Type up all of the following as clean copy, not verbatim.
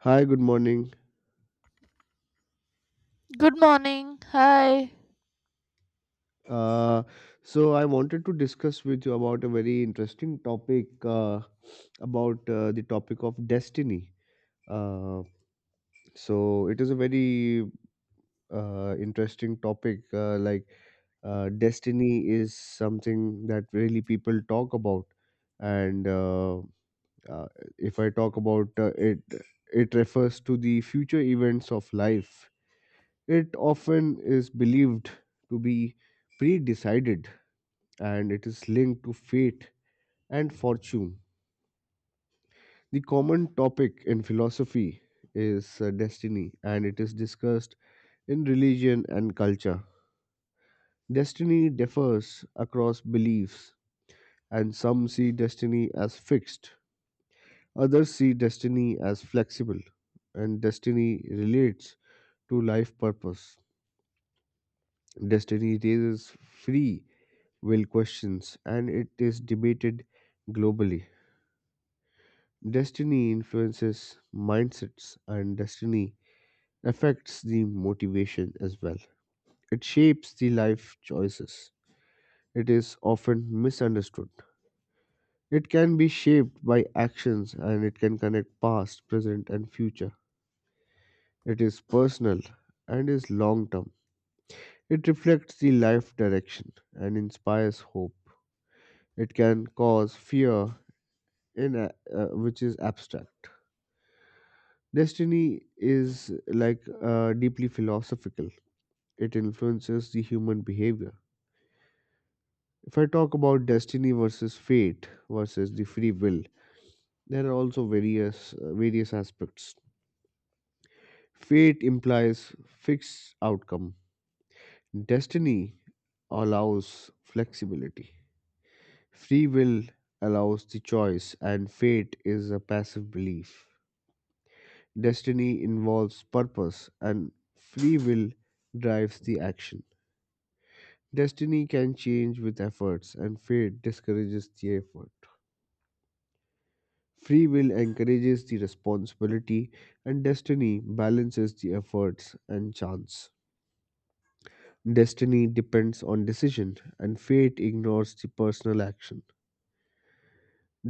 Hi, good morning. Good morning. Hi. Uh, so I wanted to discuss with you about a very interesting topic about the topic of destiny. Uh, so it is a very interesting topic. Like destiny is something that really people talk about, and uh, if I talk about it, it refers to the future events of life. It often is believed to be pre-decided, and it is linked to fate and fortune. The common topic in philosophy is destiny, and it is discussed in religion and culture. Destiny differs across beliefs, and some see destiny as fixed, others see destiny as flexible, and destiny relates to life purpose. Destiny raises free will questions, and it is debated globally. Destiny influences mindsets, and destiny affects the motivation as well. It shapes the life choices. It is often misunderstood. It can be shaped by actions, and it can connect past, present, and future. It is personal and is long term. It reflects the life direction and inspires hope. It can cause fear, in a, which is abstract. Destiny is like deeply philosophical. It influences the human behavior. If I talk about destiny versus fate versus the free will, there are also various aspects. Fate implies fixed outcome. Destiny allows flexibility. Free will allows the choice, and fate is a passive belief. Destiny involves purpose, and free will drives the action. Destiny can change with efforts, and fate discourages the effort. Free will encourages the responsibility, and destiny balances the efforts and chance. Destiny depends on decision, and fate ignores the personal action.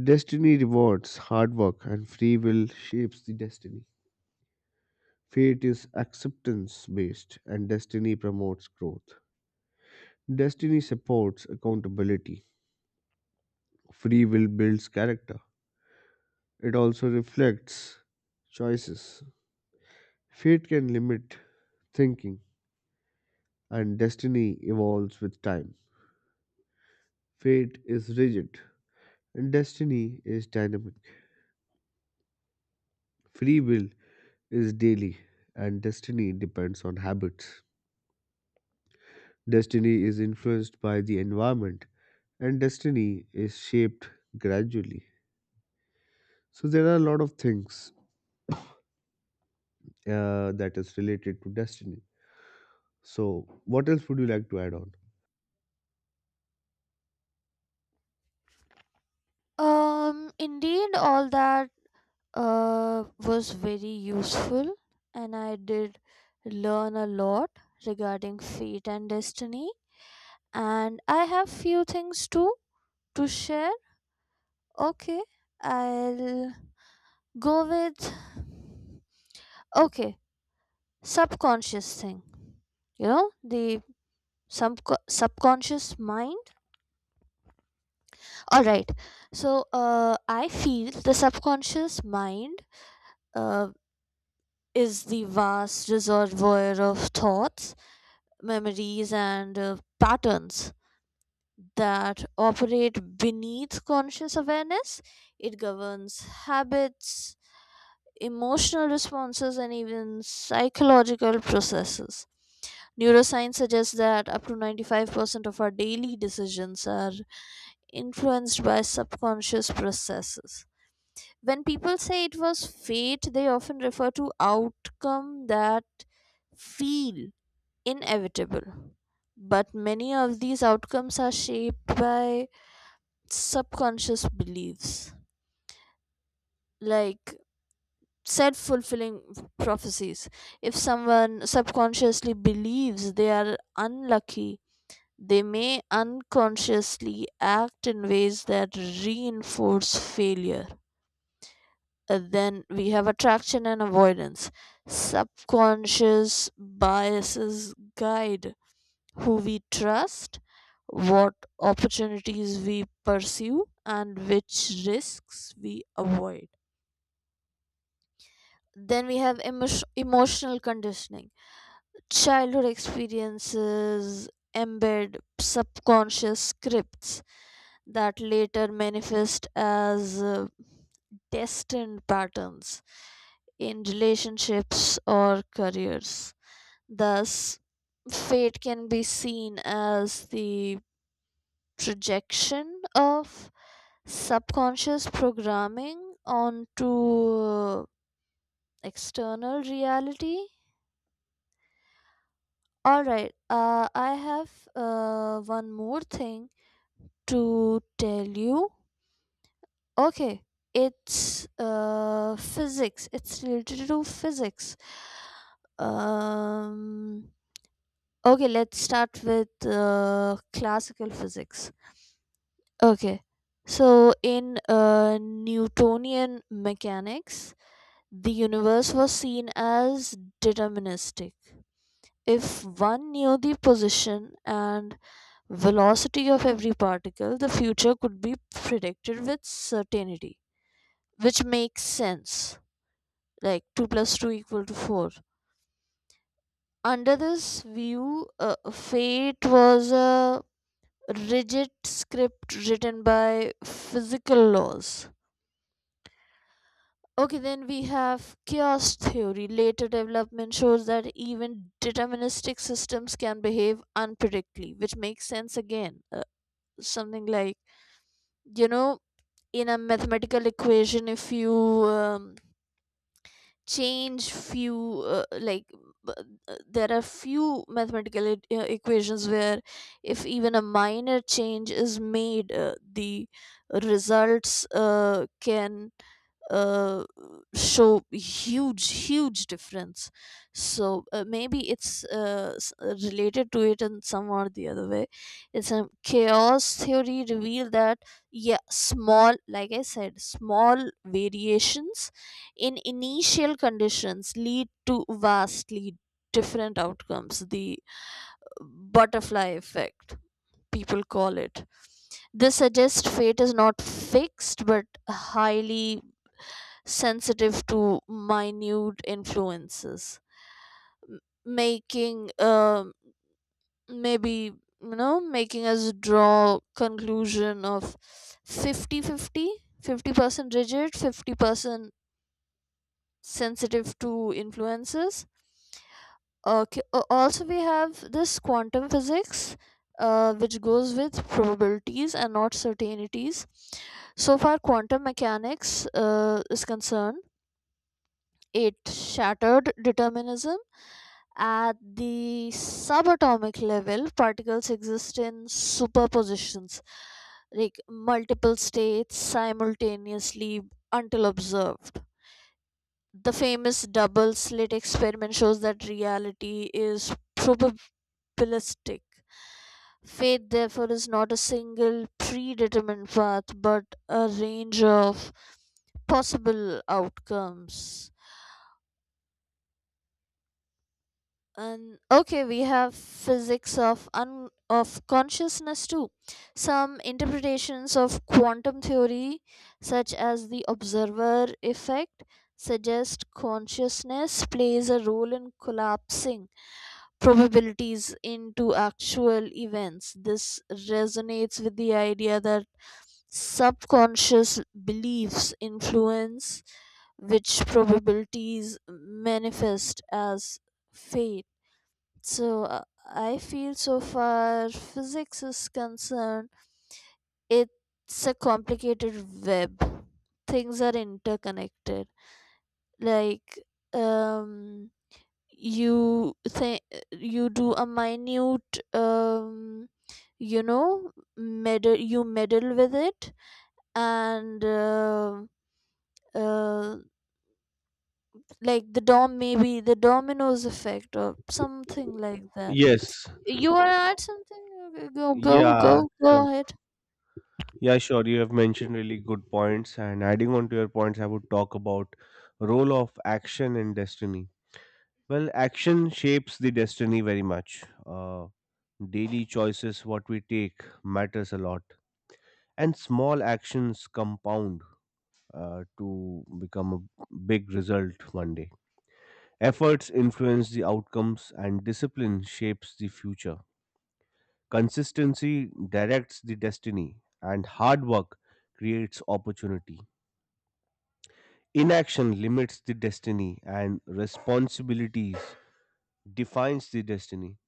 Destiny rewards hard work, and free will shapes the destiny. Fate is acceptance based, and destiny promotes growth. Destiny supports accountability. Free will builds character. It also reflects choices. Fate can limit thinking, and destiny evolves with time. Fate is rigid, and destiny is dynamic. Free will is daily, and destiny depends on habits. Destiny is influenced by the environment, and destiny is shaped gradually. So there are a lot of things that is related to destiny. So what else would you like to add on? Indeed, all that was very useful, and I did learn a lot regarding fate and destiny. And I have few things to share. Okay, I'll go with okay subconscious thing. You know the sub subconscious mind. All right. So I feel the subconscious mind uh, is the vast reservoir of thoughts, memories, and patterns that operate beneath conscious awareness. It governs habits, emotional responses, and even psychological processes. Neuroscience suggests that up to 95% of our daily decisions are influenced by subconscious processes. When people say it was fate, they often refer to outcome that feel inevitable. But many of these outcomes are shaped by subconscious beliefs, like self fulfilling prophecies. If someone subconsciously believes they are unlucky, they may unconsciously act in ways that reinforce failure. Then we have attraction and avoidance. Subconscious biases guide who we trust, what opportunities we pursue, and which risks we avoid. Then we have emotional conditioning. Childhood experiences embed subconscious scripts that later manifest as destined patterns in relationships or careers. Thus, fate can be seen as the projection of subconscious programming onto external reality. All right. I have one more thing to tell you. Okay. It's physics. It's related to physics. Um, okay, let's start with classical physics. Okay. So, in Newtonian mechanics, the universe was seen as deterministic. If one knew the position and velocity of every particle, the future could be predicted with certainty, which makes sense. Like 2 plus 2 equal to 4. Under this view, fate was a rigid script written by physical laws. Okay, then we have chaos theory. Later development shows that even deterministic systems can behave unpredictably, which makes sense again. Something like, you know in a mathematical equation, if you um, change few, b- there are few mathematical equations where, if even a minor change is made, the results can uh, show huge difference. So maybe it's, related to it in some or the other way. It's a chaos theory revealed that, yeah, small, like I said, small variations in initial conditions lead to vastly different outcomes, the butterfly effect, people call it. This suggests fate is not fixed but highly sensitive to minute influences, m- making, maybe, making us draw conclusion of 50-50, 50% rigid, 50% sensitive to influences. Okay. Also, we have this quantum physics, which goes with probabilities and not certainties. So far, quantum mechanics is concerned. It shattered determinism. At the subatomic level, particles exist in superpositions, like multiple states simultaneously until observed. The famous double slit experiment shows that reality is probabilistic. Fate, therefore, is not a single predetermined path but a range of possible outcomes. And, okay, we have physics of consciousness too. Some interpretations of quantum theory, such as the observer effect, suggest consciousness plays a role in collapsing probabilities into actual events. This resonates with the idea that subconscious beliefs influence which probabilities manifest as fate. So I feel so far physics is concerned, it's a complicated web. Things are interconnected. Like, um, you think you do a minute, you know meddle, you meddle with it, and uh, like the dom maybe the dominoes effect or something like that. Yes. You wanna add something? Okay, go, go, Yeah. go, Sure. go ahead. Yeah, sure. You have mentioned really good points, and adding on to your points, I would talk about role of action and destiny. Well, action shapes the destiny very much. Daily choices, what we take, matters a lot, and small actions compound to become a big result one day. Efforts influence the outcomes, and discipline shapes the future. Consistency directs the destiny, and hard work creates opportunity. Inaction limits the destiny, and responsibilities defines the destiny.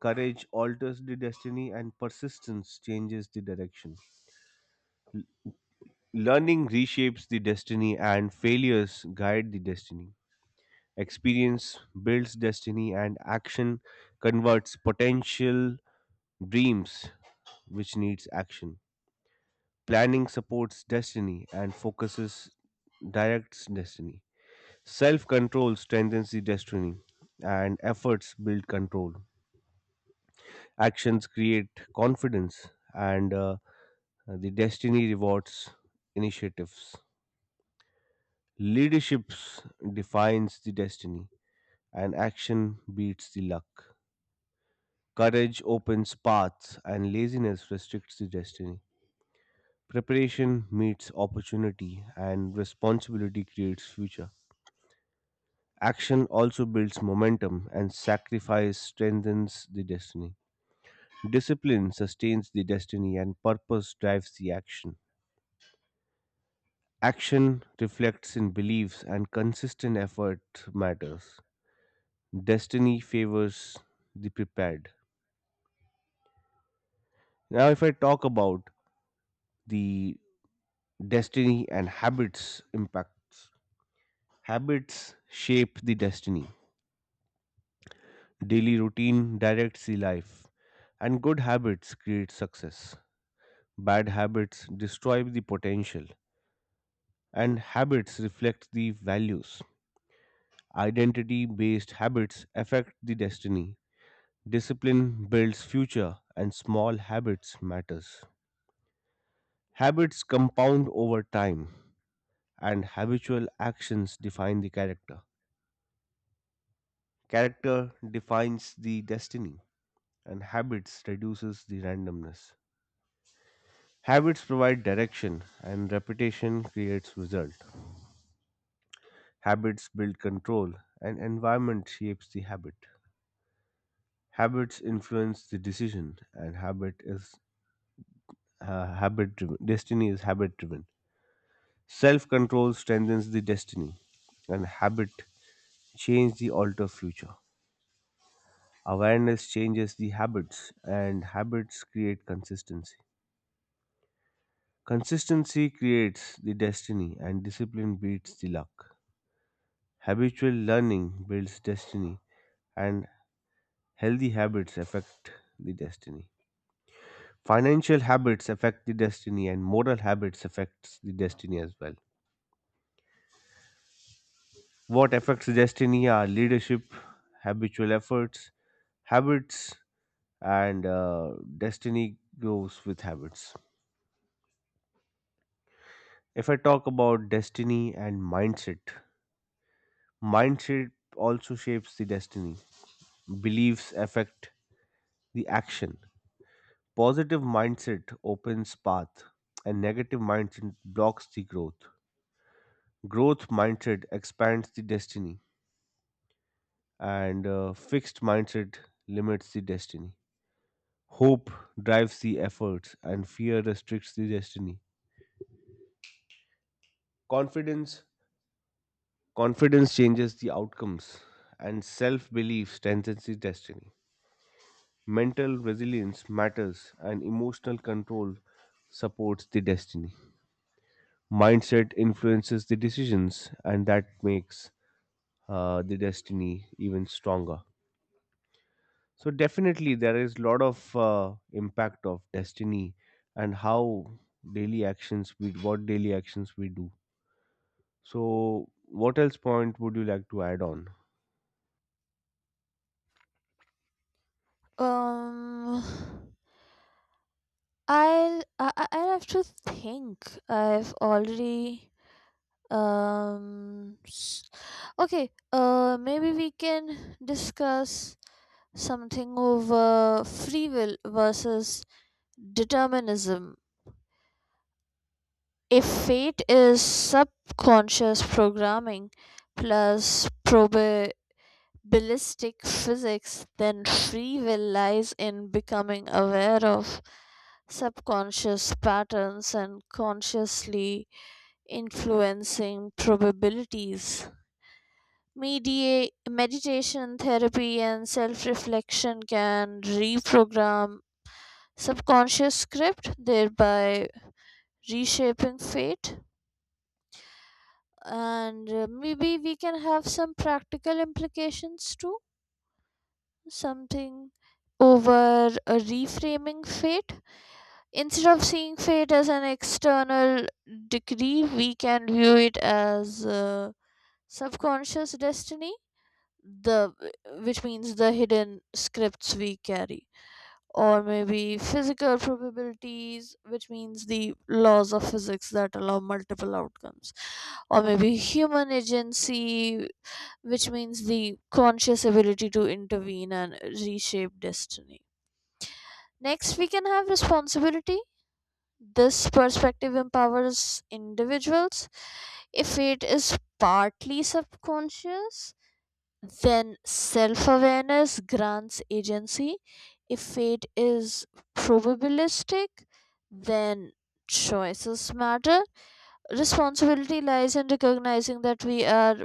Courage alters the destiny, and persistence changes the direction. Learning reshapes the destiny, and failures guide the destiny. Experience builds destiny, and action converts potential dreams, which needs action. Planning supports destiny, and focuses directs destiny. Self control strengthens the destiny, and efforts build control. Action and initiatives, mind and luck. Courage opens paths, and laziness restricts the destiny. Preparation meets opportunity, and responsibility creates future. Action also builds momentum, and sacrifice strengthens the destiny. Discipline sustains the destiny, and purpose drives the action. Action reflects in beliefs, and consistent effort matters. Destiny favors the prepared. Now, if I talk about the destiny and habits impacts, habits shape the destiny. Daily routine directs the life, and good habits create success. Bad habits destroy the potential, and habits reflect the values. Identity based habits affect the destiny. Discipline builds future, and small habits matters. Habits compound over time, and habitual actions define the character. Character defines the destiny, and habits reduces the randomness. Habits provide direction, and reputation creates result. Habits build control, and environment shapes the habit. Habits influence the decision, and habit is habit driven. Destiny is habit driven. Self control strengthens the destiny, and habit change the alter future. Awareness changes the habits, and habits create consistency. Consistency creates the destiny, and discipline beats the luck. Habitual learning builds destiny, and healthy habits affect the destiny. Financial habits affect the destiny, and moral habits affects the destiny as well. What affects destiny are leadership, habitual efforts, habits, and destiny grows with habits. If I talk about destiny and mindset, mindset also shapes the destiny. Beliefs affect the action. Positive mindset opens path, and negative mindset blocks the growth. Growth mindset expands the destiny, and fixed mindset limits the destiny. Hope drives the efforts, and fear restricts the destiny. Confidence confidence changes the outcomes, and self-belief strengthens the destiny. Mental resilience matters, and emotional control supports the destiny. Mindset influences the decisions, and that makes the destiny even stronger. So definitely, there is a lot of impact of destiny and how daily actions we what daily actions we do. So, what else point would you like to add on? Um, I'll have to think. I've already, um, s- okay. Maybe we can discuss something over free will versus determinism. If fate is subconscious programming plus probe ballistic physics, then free will lies in becoming aware of subconscious patterns and consciously influencing probabilities. Meditation, therapy, and self reflection can reprogram subconscious script, thereby reshaping fate. And maybe we can have some practical implications too, something over a reframing fate. Instead of seeing fate as an external decree, we can view it as a subconscious destiny, the which means the hidden scripts we carry, or maybe physical probabilities, which means the laws of physics that allow multiple outcomes, or maybe human agency, which means the conscious ability to intervene and reshape destiny. Next, we can have responsibility. This perspective empowers individuals. If it is partly subconscious, then self awareness grants agency. If it is probabilistic, then choices matter. Responsibility lies in recognizing that we are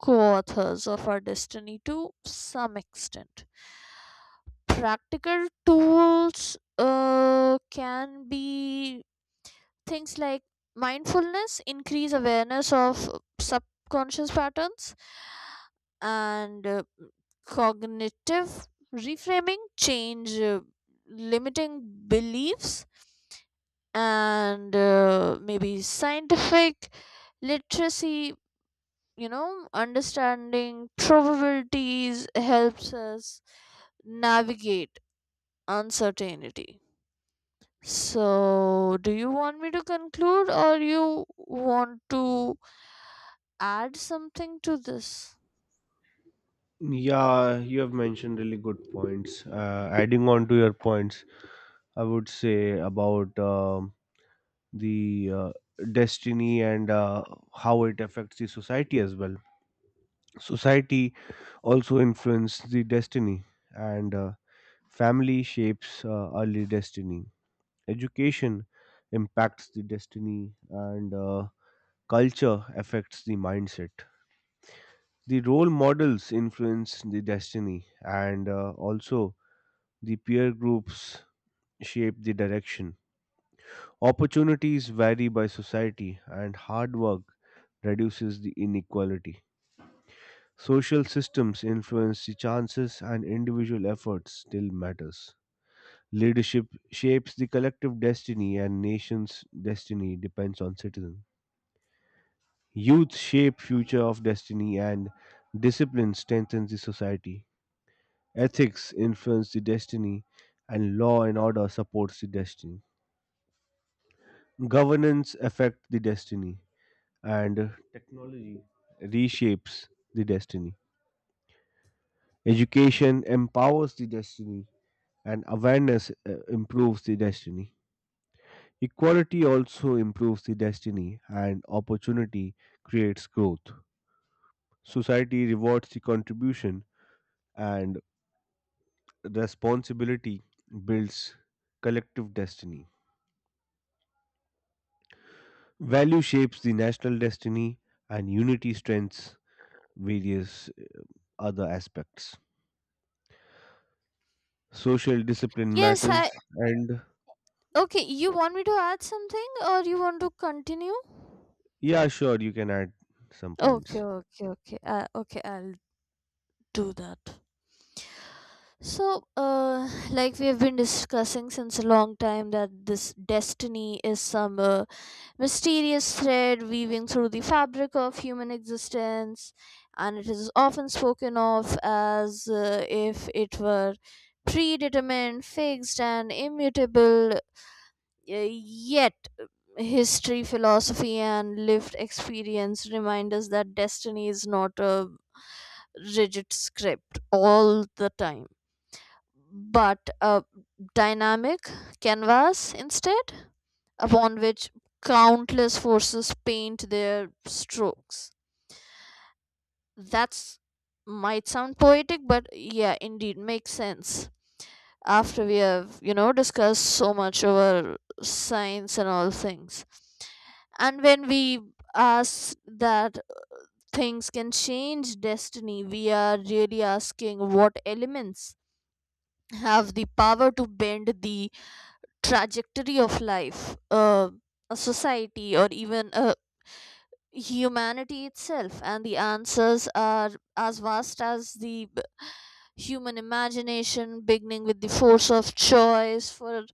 co authors of our destiny to some extent. Practical tools can be things like mindfulness, increase awareness of subconscious patterns, and cognitive reframing, change limiting beliefs, and maybe scientific literacy, understanding probabilities helps us navigate uncertainty. So, do you want me to conclude or you want to add something to this? Yeah, you have mentioned really good points. Adding on to your points, I would say about the destiny and how it affects the society as well. Society also influences the destiny, and family shapes early destiny. Education impacts the destiny, and culture affects the mindset. The role models influence the destiny, and also the peer groups shape the direction. Opportunities vary by society, and hard work reduces the inequality. Social systems influence the chances, and individual effort still matters. Leadership shapes the collective destiny, and nation's destiny depends on citizens. Youth shape future of destiny, and discipline strengthens the society. Ethics influence the destiny, and law and order supports the destiny. Governance affect the destiny, and technology reshapes the destiny. Education empowers the destiny, and awareness improves the destiny. Equality also improves the destiny, and opportunity creates growth. Society rewards the contribution, and responsibility builds collective destiny. Value shapes the national destiny, and unity strengthens various other aspects. Social discipline Yes, matters, I. and Okay, you want me to add something or you want to continue? yeah, sure, you can add some Okay, points. okay, okay. Okay, I'll do that. So, like we have been discussing since a long time that this destiny is some mysterious thread weaving through the fabric of human existence, and it is often spoken of as if it were predetermined, fixed, and immutable, yet history, philosophy, and lived experience remind us that destiny is not a rigid script all the time, but a dynamic canvas instead upon which countless forces paint their strokes. That's might sound poetic, but yeah, indeed makes sense. After we have, you know, discussed so much over science and all things. And when we ask that things can change destiny, we are really asking what elements have the power to bend the trajectory of life, a society, or even a humanity itself. And the answers are as vast as the human imagination, beginning with the force of choice, for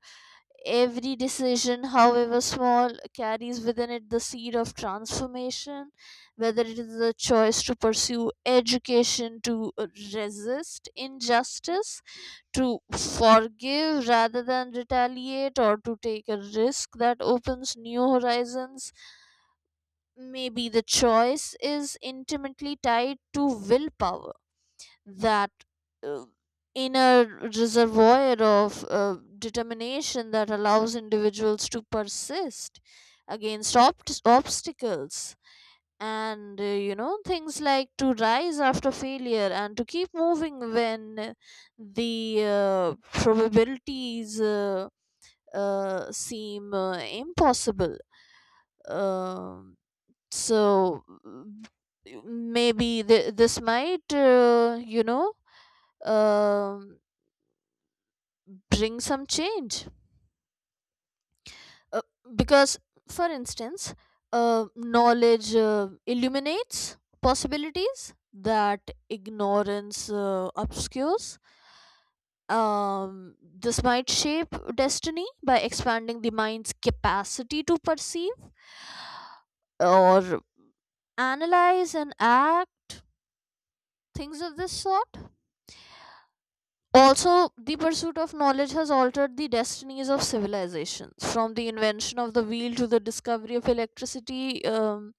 every decision, however small, carries within it the seed of transformation, whether it is the choice to pursue education, to resist injustice, to forgive rather than retaliate, or to take a risk that opens new horizons. Maybe the choice is intimately tied to willpower, that uh, inner reservoir of determination that allows individuals to persist against obstacles, and, things like to rise after failure and to keep moving when, the probabilities seem impossible. Um so maybe this might, um bring some change, uh, because, for instance, knowledge illuminates possibilities that ignorance obscures. This might shape destiny by expanding the mind's capacity to perceive or analyze and act, things of this sort. Also, the pursuit of knowledge has altered the destinies of civilizations. From the invention of the wheel to the discovery of electricity,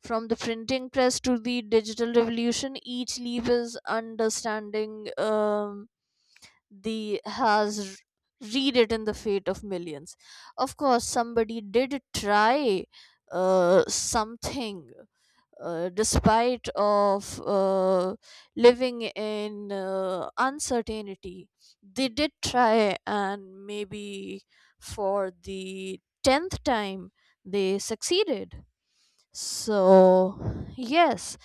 from the printing press to the digital revolution, each leap is understanding, the has read it in the fate of millions. Of course, somebody did try something, despite of living in uncertainty. They did try, and maybe for the 10th time they succeeded. So yes,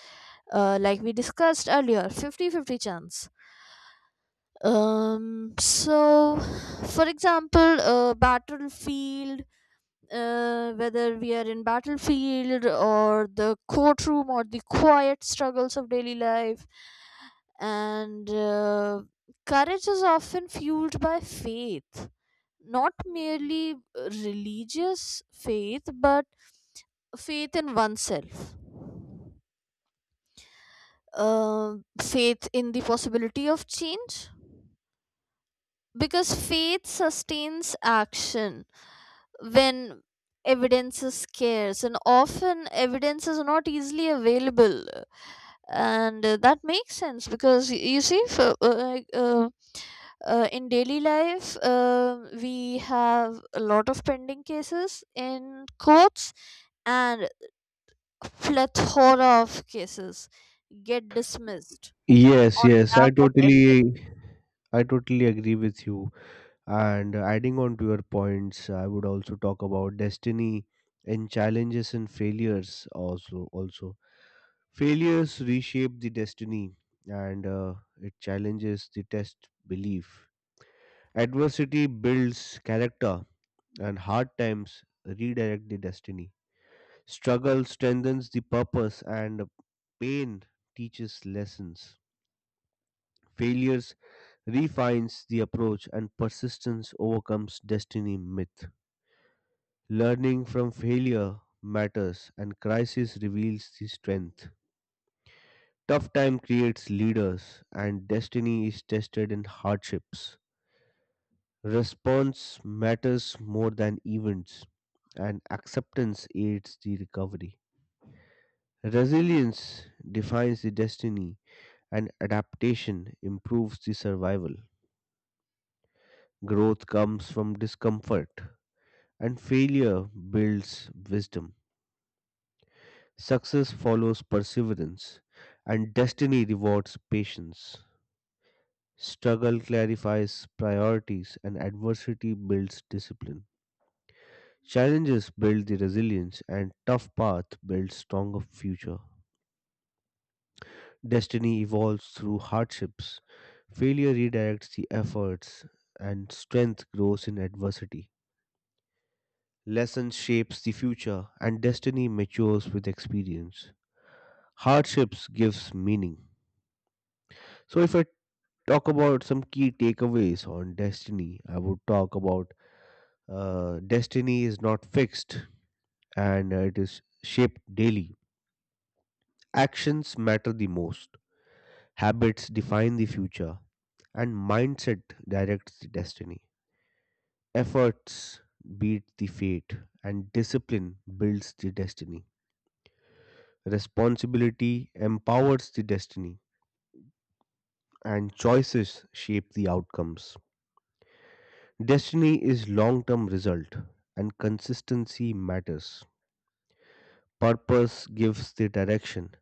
like we discussed earlier, 50-50 chance. So for example, battlefield, whether we are in battlefield or the courtroom or the quiet struggles of daily life, and courage is often fueled by faith, not merely religious faith but faith in oneself, uh, faith in the possibility of change, because faith sustains action when evidence is scarce, and often evidence is not easily available. And that makes sense because, you see, in daily life we have a lot of pending cases in courts, and plethora of cases get dismissed Yes, on yes, lack of evidence. I totally agree with you. And adding on to your points, I would also talk about destiny and challenges and failures also also. Failures reshape the destiny, and it challenges the test belief. Adversity builds character, and hard times redirect the destiny. Struggle strengthens the purpose, and pain teaches lessons. Failures refines the approach, and persistence overcomes destiny myth. Learning from failure matters, and crisis reveals the strength. Tough time creates leaders, and destiny is tested in hardships. Response matters more than events, and acceptance aids the recovery. Resilience defines the destiny, and adaptation improves the survival. Growth comes from discomfort, and failure builds wisdom. Success follows perseverance, and destiny rewards patience. Struggle clarifies priorities, and adversity builds discipline. Challenges build the resilience, and tough path builds stronger future. Destiny evolves through hardships. Failure redirects the efforts, and strength grows in adversity. Lesson shapes the future, and destiny matures with experience. Hardships gives meaning. So if I talk about some key takeaways on destiny, I would talk about destiny is not fixed, and it is shaped daily. Actions matter the most, habits define the future, and mindset directs the destiny. Efforts beat the fate, and discipline builds the destiny. Responsibility empowers the destiny, and choices shape the outcomes. Destiny is long term result, and consistency matters. Purpose gives the direction,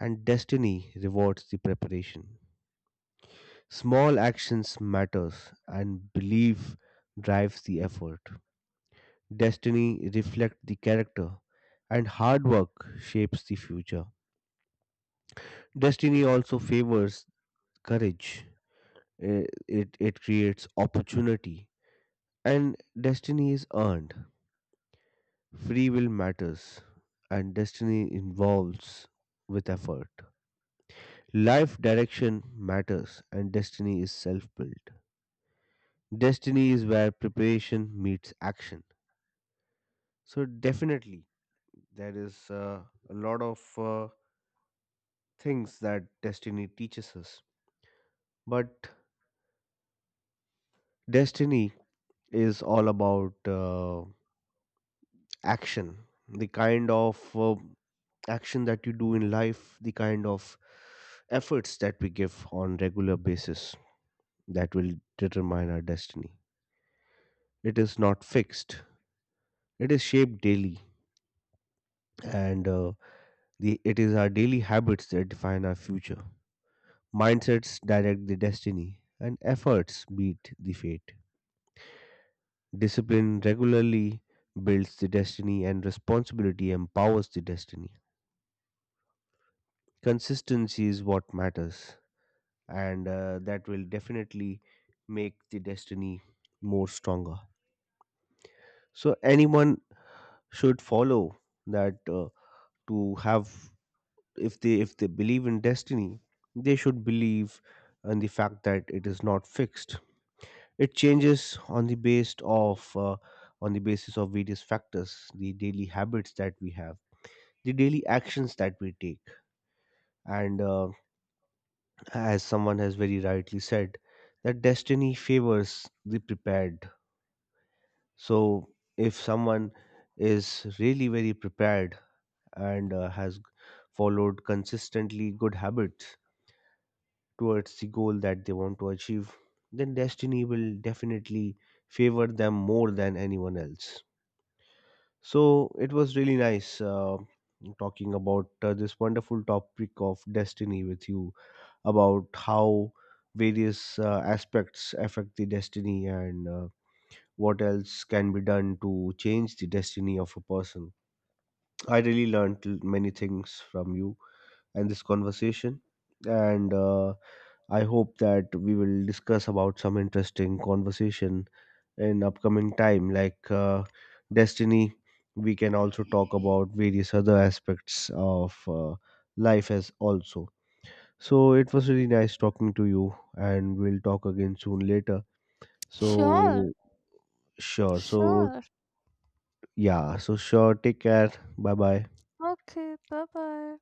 and destiny rewards the preparation. Small actions matters, and belief drives the effort. Destiny reflects the character, and hard work shapes the future. Destiny also favors courage. Eh, It, it creates opportunity, and destiny is earned. Free will matters, and destiny involves with effort. Life direction matters, and destiny is self built. Destiny is where preparation meets action. So, definitely, there is a lot of things that destiny teaches us. But destiny is all about. Action, the kind of action that you do in life, the kind of efforts that we give on regular basis, that will determine our destiny. It is not fixed, it is shaped daily, and the it is our daily habits that define our future. Mindsets direct the destiny, and efforts beat the fate. Discipline regularly builds the destiny, and responsibility empowers the destiny. Consistency is what matters, and that will definitely make the destiny more stronger. So anyone should follow that to have, if they believe in destiny, they should believe in the fact that it is not fixed. It changes on the based of on the basis of various factors, the daily habits that we have, the daily actions that we take, and as someone has very rightly said that destiny favors the prepared. So if someone is really very prepared and followed consistently good habits towards the goal that they want to achieve, then destiny will definitely favor them more than anyone else. So it was really nice talking about this wonderful topic of destiny with you about how various aspects affect the destiny, and what else can be done to change the destiny of a person. I really learned many things from you and this conversation. And I hope that we will discuss about some interesting conversation in upcoming time, like destiny. We can also talk about various other aspects of life as also. So it was really nice talking to you, and we'll talk again soon later. Sure. So sure. So Sure. yeah. So sure. Take care. Bye bye. Okay, bye bye